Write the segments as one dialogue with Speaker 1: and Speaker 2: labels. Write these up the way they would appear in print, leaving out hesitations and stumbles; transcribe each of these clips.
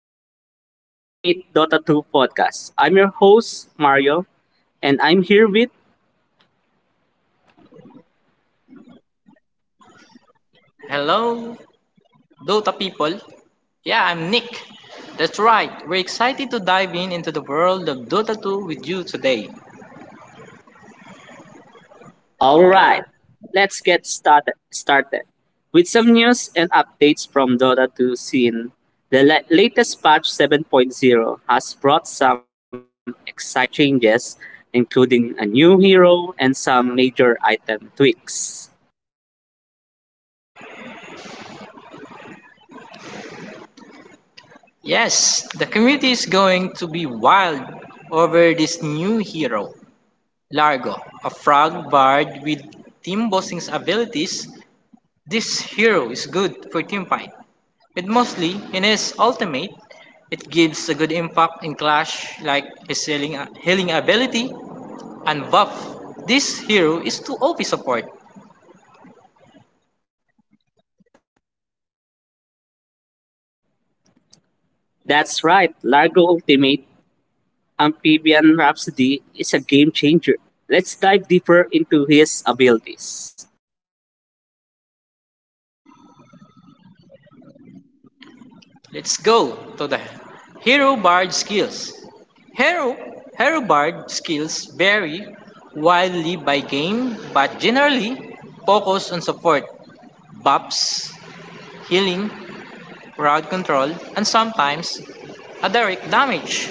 Speaker 1: MetaMasters, the ultimate Dota 2 podcast. I'm your host, Mario, and I'm here with.
Speaker 2: Hello, Dota people. Yeah, I'm Nick. That's right, we're excited to dive in into the world of Dota 2 with you today.
Speaker 1: All right, let's get started with some news and updates from Dota 2 scene. The latest patch 7.0 has brought some exciting changes, including a new hero and some major item tweaks.
Speaker 2: Yes, the community is going to be wild over this new hero, Largo, a frog bard with team bossing's abilities. This hero is good for team fight, but mostly in his ultimate, it gives a good impact in clash like his healing ability and buff this hero is too to OP support.
Speaker 1: That's right, Largo Ultimate Amphibian Rhapsody is a game changer. Let's dive deeper into his abilities.
Speaker 2: Let's go to the Hero Bard skills. Hero, Hero Bard skills vary wildly by game but generally focus on support, buffs, healing, crowd control, and sometimes a direct damage.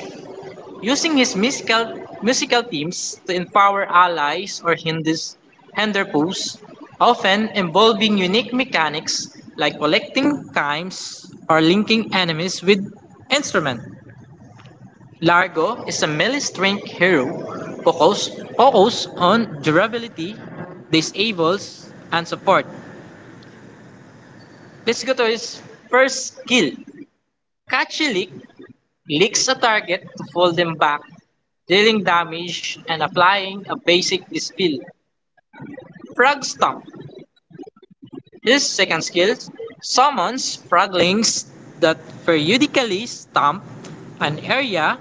Speaker 2: Using his musical themes to empower allies or hinders, hinder pools, often involving unique mechanics like collecting chimes or linking enemies with instrument. Largo is a melee-strength hero focused focus on durability, disables, and support. Let's go to his first skill, Catchy Lick Licks a target to fold them back, dealing damage and applying a basic dispel. Frog Stomp. His second skill summons froglings that periodically stomp an area,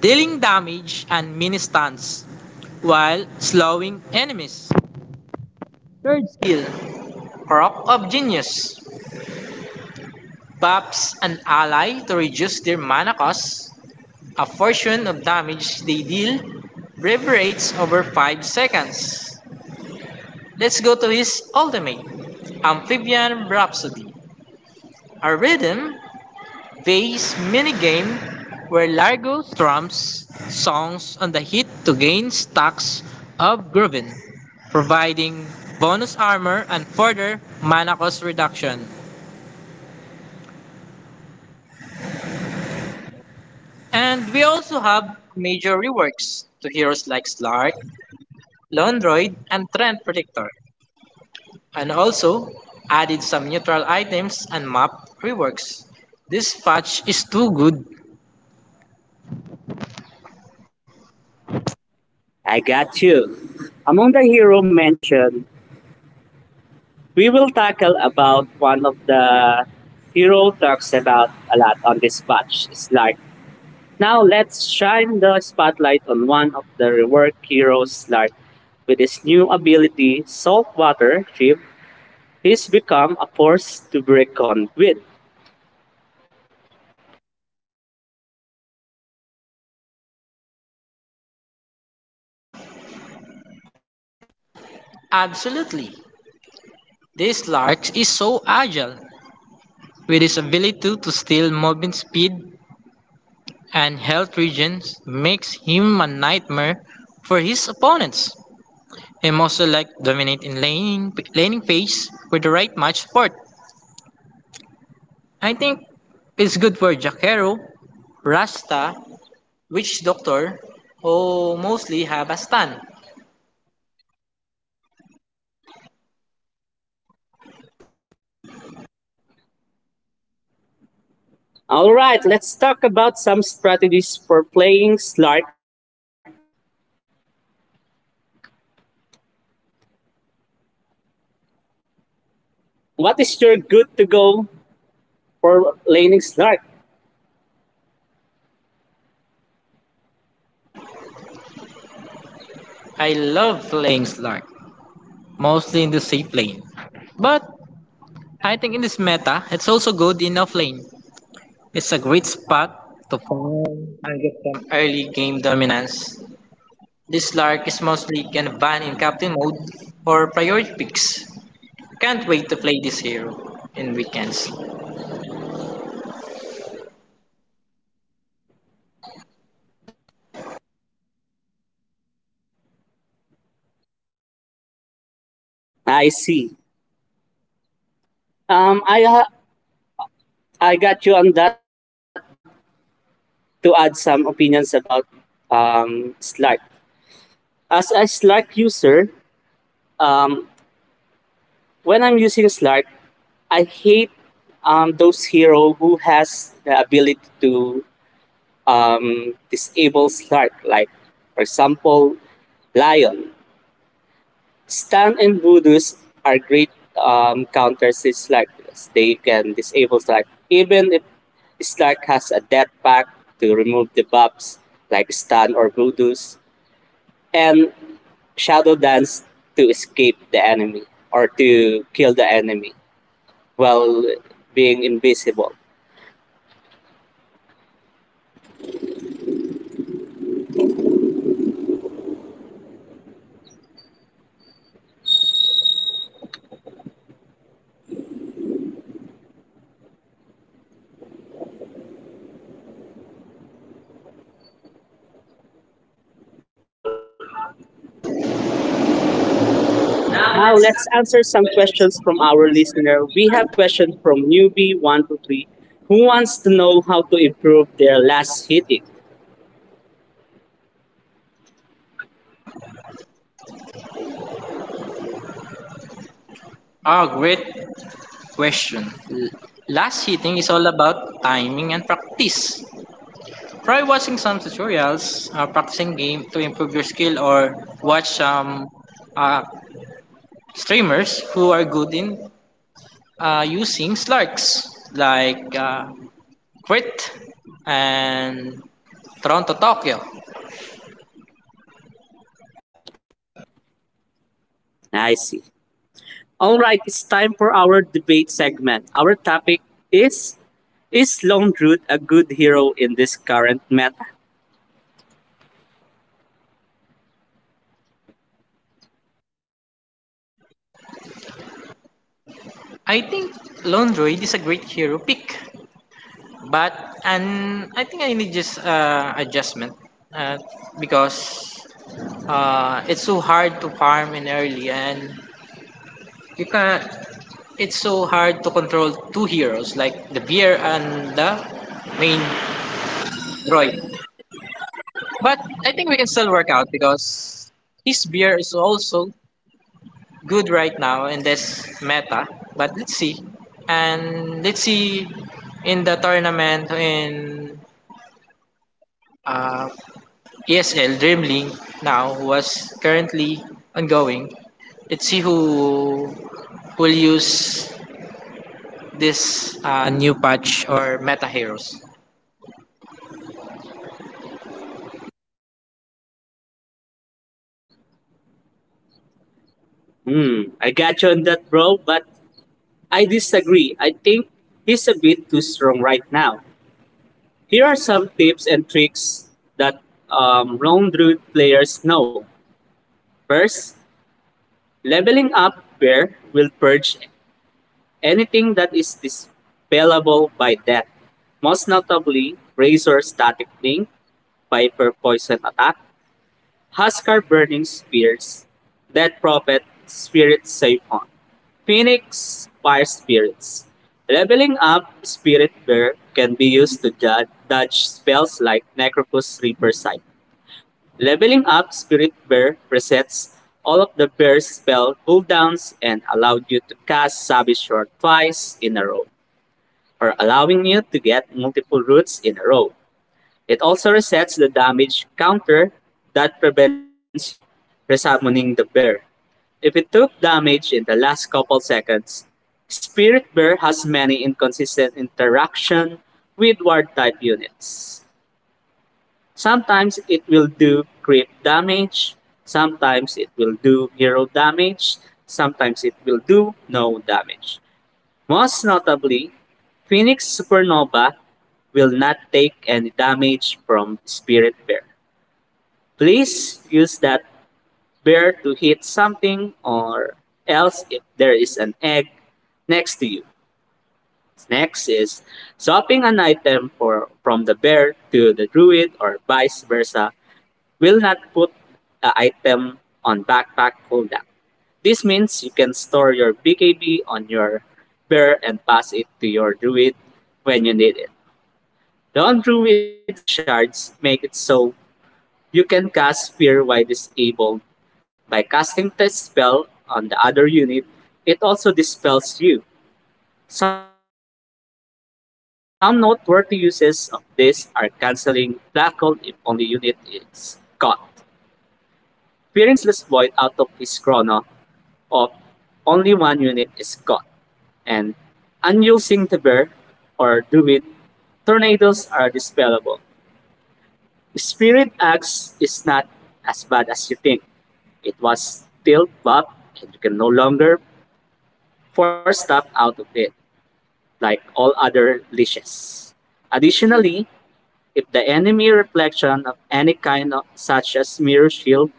Speaker 2: dealing damage and mini stuns while slowing enemies. Third skill Crop of Genius. Buffs an ally to reduce their mana cost, a portion of damage they deal reverberates over 5 seconds. Let's go to his ultimate, Amphibian Rhapsody, a rhythm based minigame where Largo thrums songs on the hit to gain stacks of Groovin, providing bonus armor and further mana cost reduction. And we also have major reworks to heroes like Slark, Londroid, and Trend Predictor, and also added some neutral items and map reworks. This patch is too good.
Speaker 1: I got you. Among the hero mentioned, we will tackle about one of the hero talks about a lot on this patch. It's like now let's shine the spotlight on one of the rework heroes like with his new ability Saltwater Ship. He's become a force to break on with.
Speaker 2: Absolutely. This Lark is so agile. With his ability to steal movement speed and health regions makes him a nightmare for his opponents. He must also like dominate in laning phase with the right match support. I think it's good for Jacquero, Rasta, Witch Doctor, who mostly have a stun.
Speaker 1: All right, let's talk about some strategies for playing Slark. What is your good to go for laning Slark?
Speaker 2: I love playing Slark, mostly in the safe lane. But I think in this meta, it's also good in offlane. It's a great spot to farm and get some early game dominance. This Slark is mostly can ban in captain mode or priority picks. Can't wait to play this hero in weekends.
Speaker 1: I see. Um, I ha- I got you on that, but I have to add some opinions about Slark. As a Slark user, um, when I'm using Slark, I hate those hero who has the ability to disable Slark, like for example, Lion. Stan and Voodoos are great counters to Slack. They can disable Slack even if Slack has a death pack to remove the buffs like Stan or Voodoos, and Shadow Dance to escape the enemy or to kill the enemy while being invisible. Now let's answer some questions from our listener. We have questions from newbie one to three who wants to know how to improve their last hitting.
Speaker 2: Oh, great question. Last hitting is all about timing and practice. Try watching some tutorials, practicing game to improve your skill, or watch some um, uh, streamers who are good in using slarks like Crit and Toronto Tokyo.
Speaker 1: I see. All right, it's time for our debate segment. Our topic is Is Long Root a good hero in this current meta?
Speaker 2: I think Lone Droid is a great hero pick. But and I think I need just adjustment uh, because it's so hard to farm in early and you can it's so hard to control two heroes like the beer and the main droid, but I think we can still work out because his beer is also good right now in this meta. But let's see and let's see in the tournament in uh, ESL Dream League now was currently ongoing. Let's see who will use this new patch or meta heroes.
Speaker 1: Hmm, I got you on that, bro, but I disagree. I think he's a bit too strong right now. Here are some tips and tricks that Long Root players know. First, leveling up Bear will purge anything that is dispellable by death, most notably Razor Static Link, Viper poison attack, Huskar burning spears, Dead Prophet Spirit Siphon, Phoenix Fire Spirits. Leveling up Spirit Bear can be used to dodge spells like Necropus Reaper Sight. Leveling up Spirit Bear resets all of the bear's spell cooldowns and allowed you to cast Savage Sword twice in a row, or allowing you to get multiple roots in a row. It also resets the damage counter that prevents you from resummoning the bear if it took damage in the last couple seconds. Spirit Bear has many inconsistent interaction with ward type units. Sometimes it will do creep damage, sometimes it will do hero damage, sometimes it will do no damage. Most notably, Phoenix Supernova will not take any damage from Spirit Bear. Please use that bear to hit something or else if there is an egg next to you. Next is, swapping an item from the bear to the druid or vice versa will not put the item on backpack cooldown. This means you can store your BKB on your bear and pass it to your druid when you need it. Don't druid's ag shards make it so you can cast Fear while disabled by casting this spell on the other unit. It also dispels you. Some noteworthy uses of this are canceling Blackhold if only unit is caught, fearing Faceless Void out of his chrono of only one unit is caught, and unusing the bear or druid, tornadoes are dispellable. Spirit Axe is not as bad as you think. It was still barbed and you can no longer force stuff out of it, like all other leashes. Additionally, if the enemy reflection of any kind, such as mirror shield,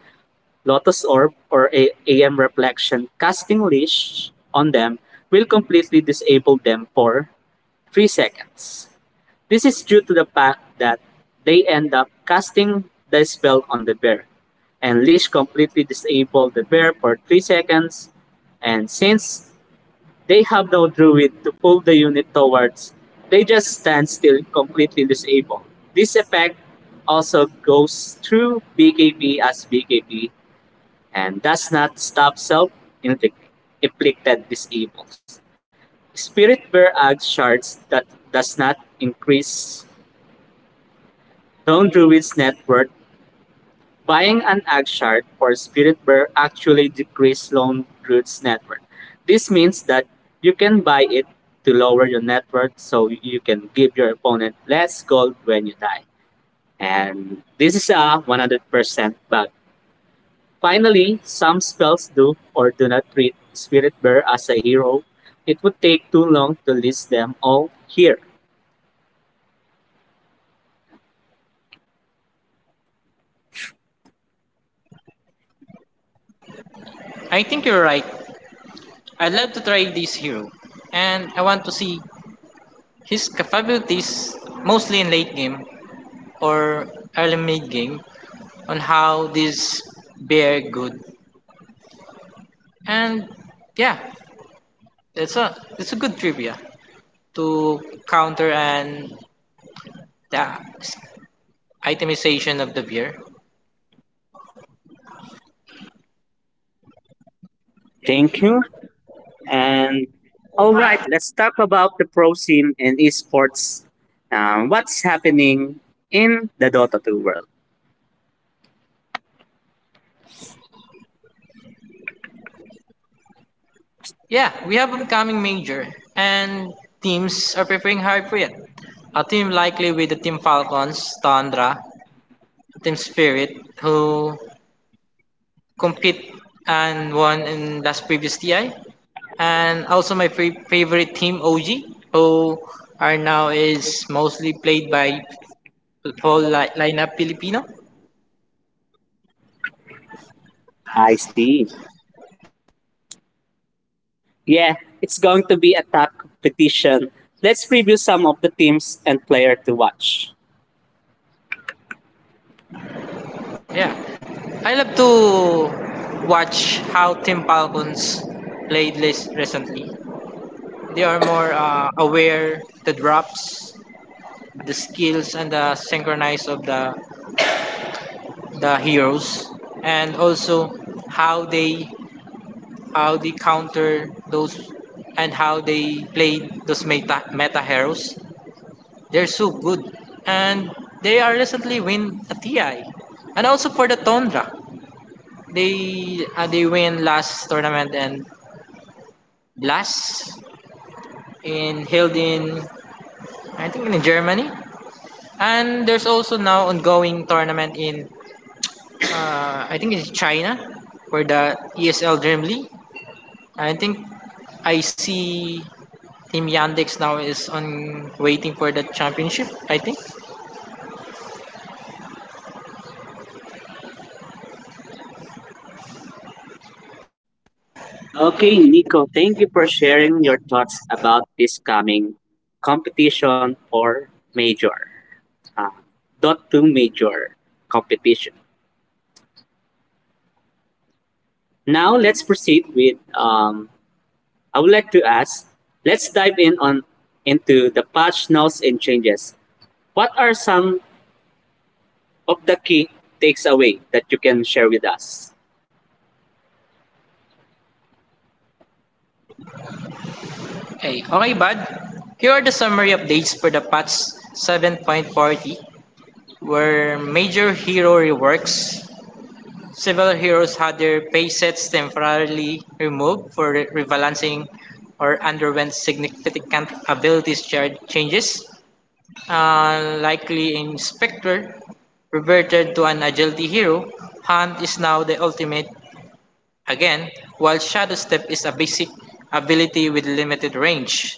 Speaker 1: lotus orb, or a AM reflection casting leash on them, will completely disable them for 3 seconds. This is due to the fact that they end up casting the spell on the bear, and Leash completely disable the bear for 3 seconds. And since they have no druid to pull the unit towards, they just stand still completely disabled. This effect also goes through BKB as BKB and does not stop self inflicted disables. Spirit Bear Ag shards that does not increase Known Druid's net worth, buying an Akshard or Spirit Bear actually decreases Lone Druid's net worth. This means that you can buy it to lower your net worth so you can give your opponent less gold when you die. And this is a 100% bug. Finally, some spells do or do not treat Spirit Bear as a hero. It would take too long to list them all here.
Speaker 2: I think you're right. I'd love to try this hero, and I want to see his capabilities mostly in late game or early mid game on how this bear good. And yeah, it's a good trivia to counter and the itemization of the beer.
Speaker 1: Thank you. And all right, let's talk about the pro scene and esports. What's happening in the Dota 2 world?
Speaker 2: Yeah, we have upcoming major, and teams are preparing hard for it. A team likely with the Team Falcons, Tundra, Team Spirit, who compete and won in last previous TI, and also my favorite team OG, who are now is mostly played by whole lineup Filipino.
Speaker 1: I see. Yeah, it's going to be a tough competition. Let's preview some of the teams and player to watch.
Speaker 2: Yeah, I love to watch how Team Falcons played list recently. They are more aware the drops, the skills, and the synchronize of the heroes, and also how they how they counter those and how they play those meta heroes. They're so good, and they are recently win a TI, and also for the Tundra, they win last tournament and last in held in I think in Germany. And there's also now ongoing tournament in I think it's China for the ESL Dream League. I think I see Team Yandex now is on waiting for the championship, I think.
Speaker 1: Okay, Nico, thank you for sharing your thoughts about this coming competition for major, uh, Dota 2 major competition. Now let's proceed with I would like to ask, let's dive in on into the patch notes and changes. What are some of the key takes away that you can share with us?
Speaker 2: Okay bud. Here are the summary updates for the patch 7.40 where major hero reworks several heroes had their pay sets temporarily removed for rebalancing or underwent significant abilities changes. Likely Inspector reverted to an agility hero. Hunt is now the ultimate again, while Shadow Step is a basic ability with limited range.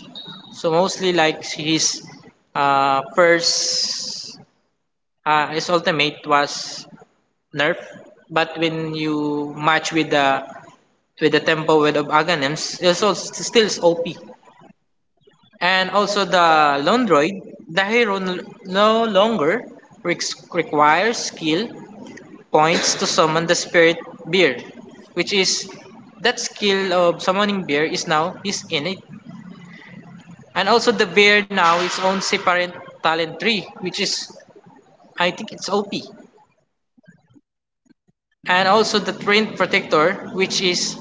Speaker 2: So mostly like his first his ultimate was nerf, but when you match with the tempo with of Aghanim, it's also still is OP. And also the Lone Droid, the hero no longer requires skill points to summon the spirit Bear, which is that skill of summoning bear is now is in it. And also the bear now is own separate talent tree, which is I think it's OP. And also the trained protector which is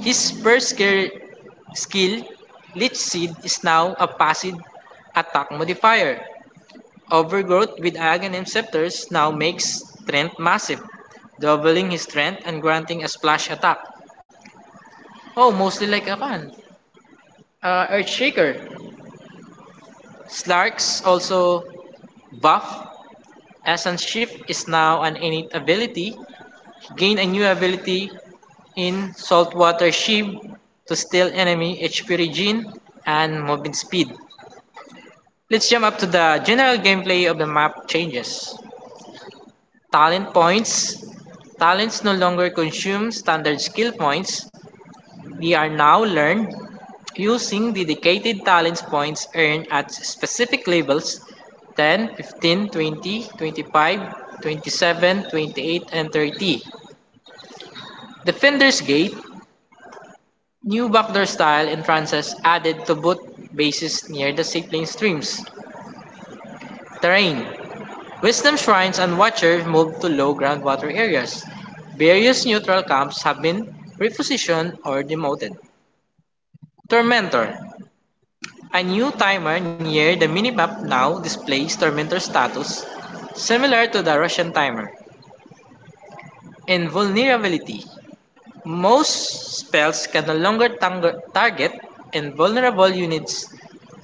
Speaker 2: his skill Lich Seed is now a passive attack modifier. Overgrowth with Aghanim Scepters now makes strength massive, doubling his strength and granting a splash attack. Oh, mostly like a Earthshaker. Slarks also buff. Essence Shift is now an innate ability. Gain a new ability in Saltwater Shiv to steal enemy HP Regen and movement speed. Let's jump up to the general gameplay of the map changes. Talent points. Talents no longer consume standard skill points. They are now learned using dedicated talents points earned at specific levels 10, 15, 20, 25, 27, 28, and 30. Defender's Gate, new backdoor style entrances added to both bases near the sibling streams. Terrain Wisdom shrines and watchers moved to low groundwater areas. Various neutral camps have been repositioned or demoted. Tormentor. A new timer near the minimap now displays Tormentor status, similar to the Russian timer. Invulnerability. Most spells can no longer target invulnerable units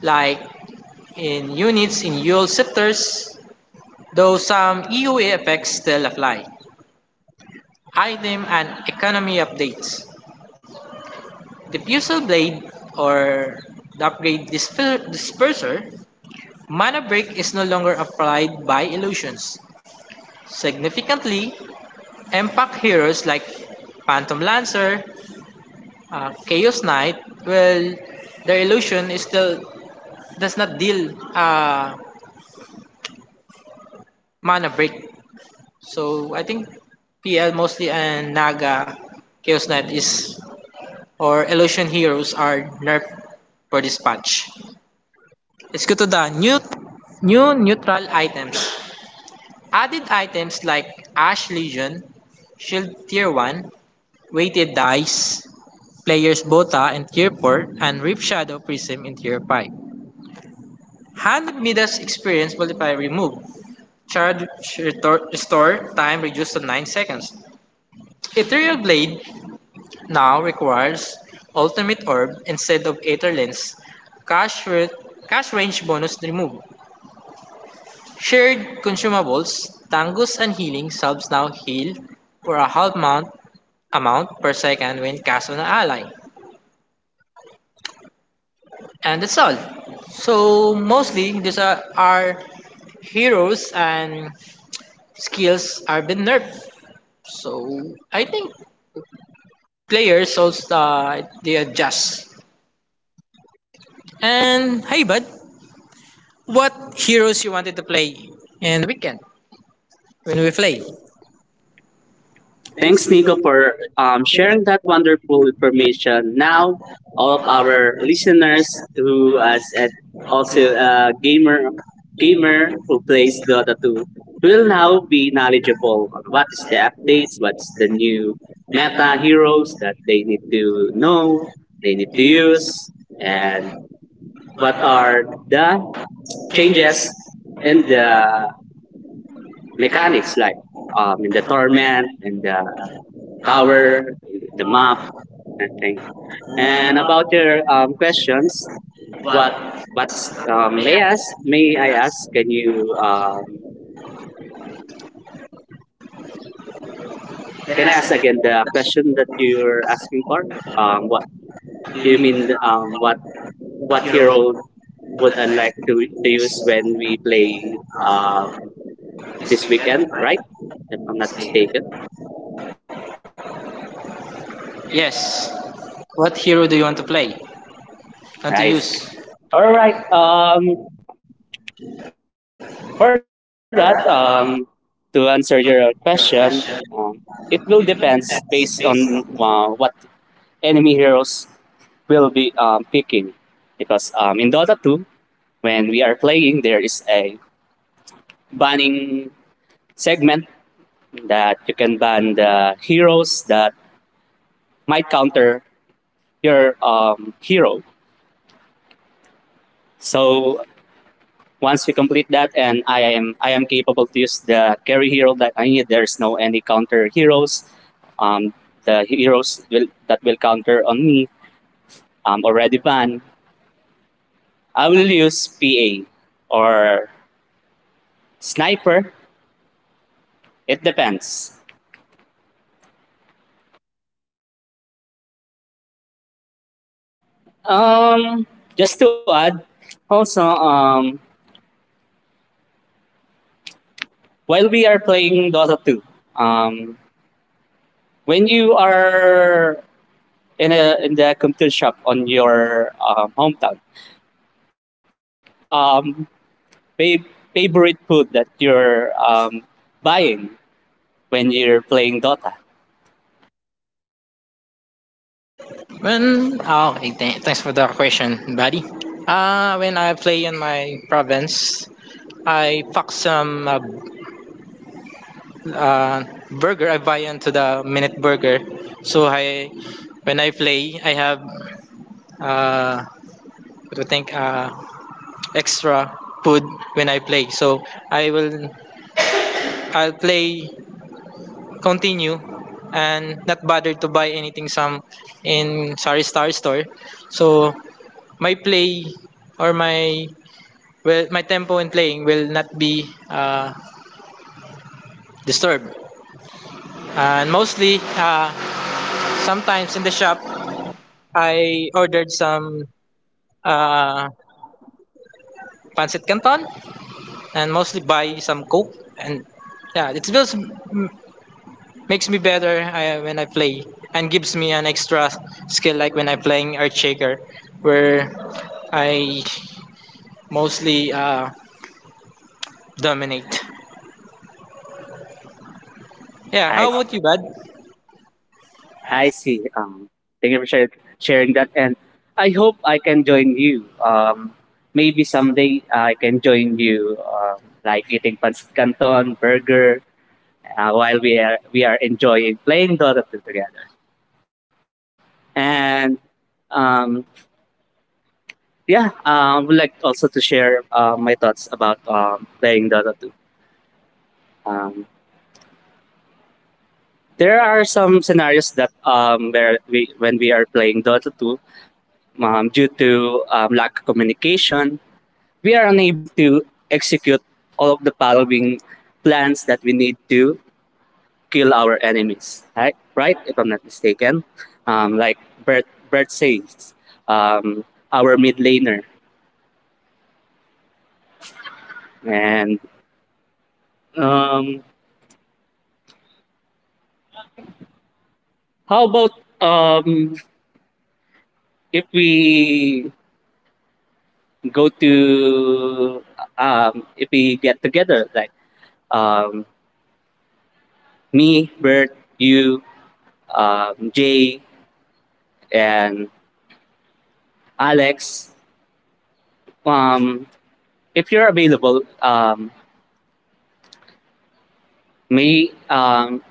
Speaker 2: like in units in UL scepters, though some EOA effects still apply. Item and economy updates. The Puzzle Blade or the upgrade Disperser mana break is no longer applied by illusions. Significantly, impact heroes like Phantom Lancer, Chaos Knight, well, their illusion is still does not deal mana break. So I think PL mostly and Naga, Chaos Knight is or Illusion Heroes are nerfed for this patch. Let's go to the new neutral items. Added items like Ash Legion, Shield Tier 1, Weighted Dice, Players Bota in Tier 4, and Rip Shadow Prism in Tier 5. 100 Midas Experience Multiplier removed. Charge Restore Time reduced to 9 seconds. Ethereal Blade now requires Ultimate Orb instead of Aether Lens, cash, re- cash range bonus removed. Shared consumables, Tangus and Healing subs now heal for a half mount amount per second when cast on an ally. And that's all. So mostly these are, our heroes and skills are been nerfed. So I think players also they adjust. And hey bud, what heroes you wanted to play in the weekend when we play?
Speaker 1: Thanks, Nico, for sharing that wonderful information. Now, all of our listeners who is at also a gamer who plays Dota 2 will now be knowledgeable on what is the updates, what's the new meta heroes that they need to know, they need to use, and what are the changes in the mechanics like in the torment and the tower, the map, I think. And about your questions, what what may ask? May I ask? Can you can I ask again the question that you're asking for? What you mean? What hero would I like to use when we play um, this weekend? Right, if I'm not mistaken.
Speaker 2: Yes. What hero do you want to play? Fun
Speaker 1: Nice.
Speaker 2: to use.
Speaker 1: All right. For that, to answer your question, um, it will depends based on what enemy heroes will be picking. Because in Dota two, when we are playing, there is a banning segment that you can ban the heroes that might counter your hero. So once you complete that and I am capable to use the carry hero that I need, there's no any counter heroes. Um, the heroes will that will counter on me I'm already banned. I will use PA or sniper. It depends. Um, just to add, also while we are playing Dota 2, um, when you are in the computer shop on your hometown, what is your fa- favorite food that you're buying when you're playing Dota?
Speaker 2: When ah, okay, thanks for the question, buddy. When I play in my province, I pack some uh, burger. I buy into the minute burger. So when I play, I have uh, what do you think extra food when I play. So I will, I'll play continue, and not bother to buy anything some in Sari Star store. So my play or my well my tempo in playing will not be disturbed and mostly sometimes in the shop I ordered some uh, pancit canton and mostly buy some coke, and yeah it just makes me better when I play and gives me an extra skill like when I'm playing Earth Shaker where I mostly dominate. Yeah, how
Speaker 1: I
Speaker 2: about you bud?
Speaker 1: I see. Thank you for sharing that, and I hope I can join you. Maybe someday I can join you, like eating pancit canton, burger, while we are enjoying playing Dota 2 together. And um, yeah, I would like also to share my thoughts about playing Dota 2. Um, There are some scenarios that where we when we are playing Dota 2, due to lack of communication, we are unable to execute all of the following plans that we need to kill our enemies. Right? If I'm not mistaken, like Bert says, um, our mid laner, and um, how about um, if we go to if we get together, like um, me, Bert, you, Jay, and Alex. Um, if you're available, may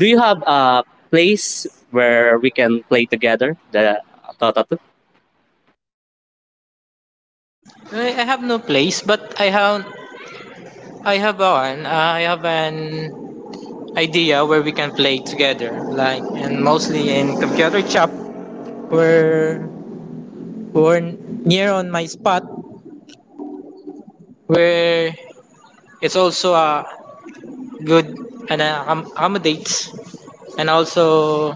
Speaker 1: do you have a place where we can play together? The Dota 2?
Speaker 2: I have no place, but I have a one. I have an idea where we can play together, like and mostly in computer shop where we're near on my spot where it's also a good and accommodates and also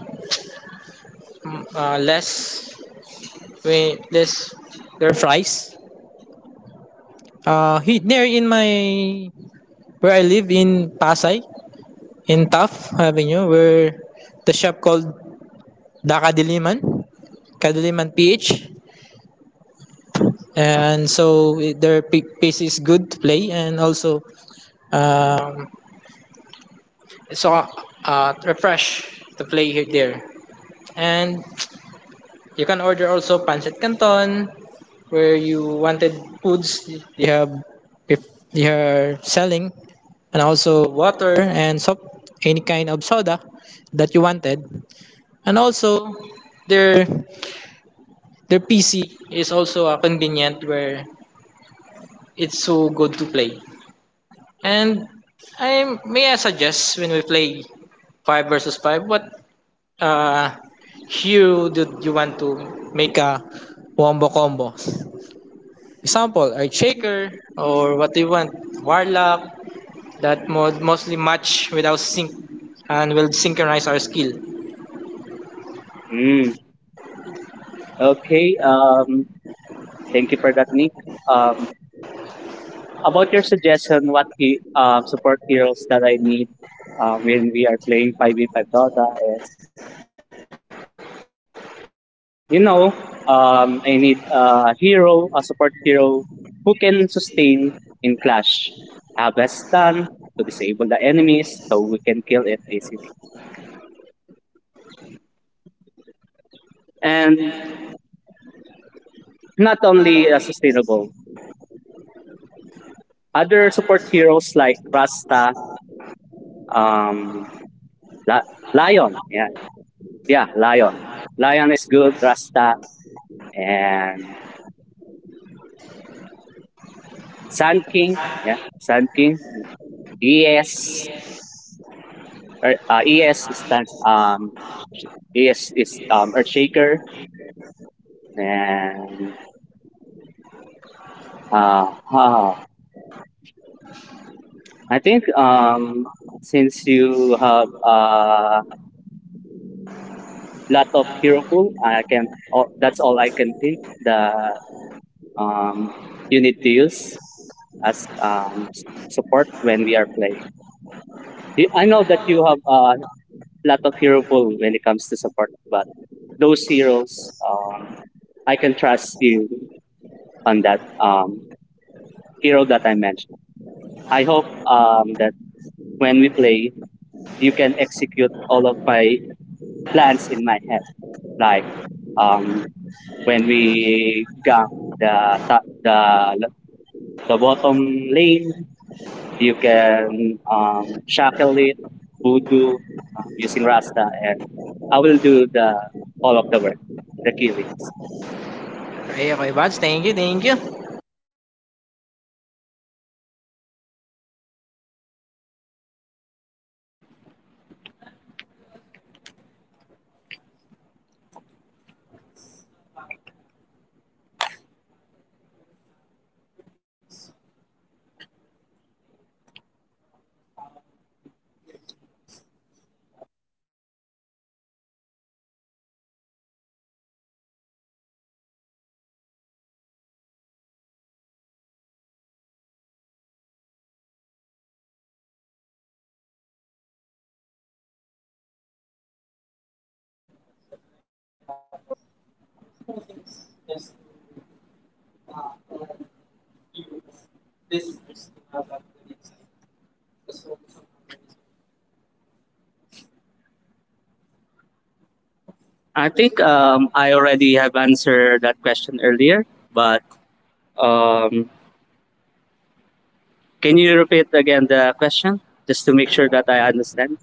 Speaker 2: mm, uh, less less their price. He near in my where I live in Pasay in Taft Avenue where the shop called the Kadiliman, Kadiliman PH. And so their pace is good to play and also um, so refresh to play here there. And you can order also pancit canton where you wanted foods you have if you are selling and also water and soft any kind of soda that you wanted and also their their PC is also a convenient where it's so good to play. And I may I suggest when we play 5 versus 5, what uh hue do you want to make a wombo combo? Example, a Shaker or what do you want? Warlock that mod mostly match without sync and will synchronize our skill.
Speaker 1: Mm, okay. Thank you for that, Nick. Um, about your suggestion, what he, support heroes that I need when we are playing 5v5 Dota is you know, I need a hero, a support hero who can sustain in clash. I have a stun to disable the enemies so we can kill it easily. And not only sustainable, other support heroes like Rasta, um, La- Lion, yeah, yeah, Lion. Lion is good, Rasta, and Sun King, yeah, Sun King, yes, ES stands sh- ES is Earthshaker and uh, huh. I think since you have a lot of hero pool, I can oh, that's all I can think that um you need to use as support when we are playing. I know that you have a lot of hero pool when it comes to support, but those heroes I can trust you on that hero that I mentioned. I hope that when we play, you can execute all of my plans in my head. Like um, when we gang the top, the bottom lane, you can shackle it, voodoo using Rasta, and I will do the all of the work, the killings.
Speaker 2: Hey, okay, Bads. Thank you, thank you.
Speaker 1: I think I already have answered that question earlier, but um, can you repeat again the question just to make sure that I understand?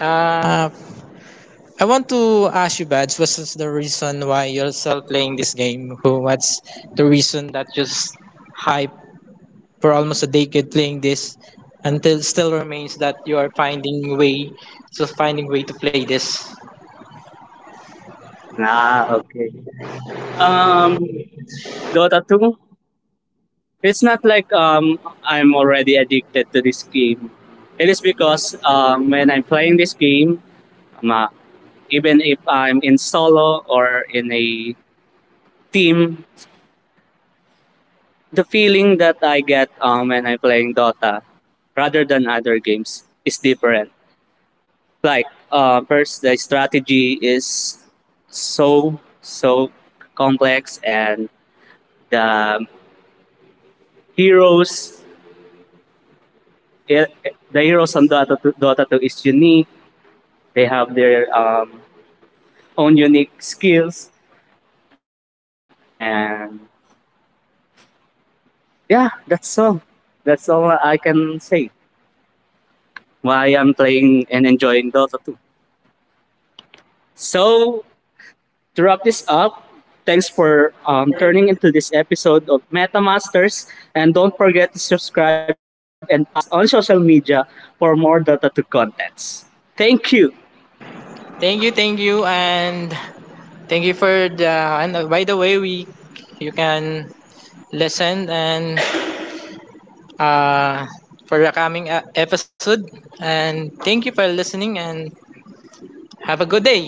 Speaker 2: Uh, I want to ask you, Bads, what's the reason why you're still playing this game? What's the reason that just hype for almost a decade playing this until still remains that you are finding way, still finding way to play this?
Speaker 1: Ah, okay. Um, Dota 2, it's not like I'm already addicted to this game. It is because when I'm playing this game, um, uh, even if I'm in solo or in a team, the feeling that I get when I'm playing Dota rather than other games is different. Like first the strategy is so complex and the heroes it, the heroes on Dota 2, Dota 2 is unique. They have their own unique skills and yeah, that's all I can say why I'm playing and enjoying Dota 2. So to wrap this up, thanks for turning into this episode of MetaMasters. And don't forget to subscribe and follow us on social media for more Dota 2 contents. Thank you.
Speaker 2: Thank you, and thank you for the. And by the way, we you can listen and uh, for the coming episode. And thank you for listening and have a good day.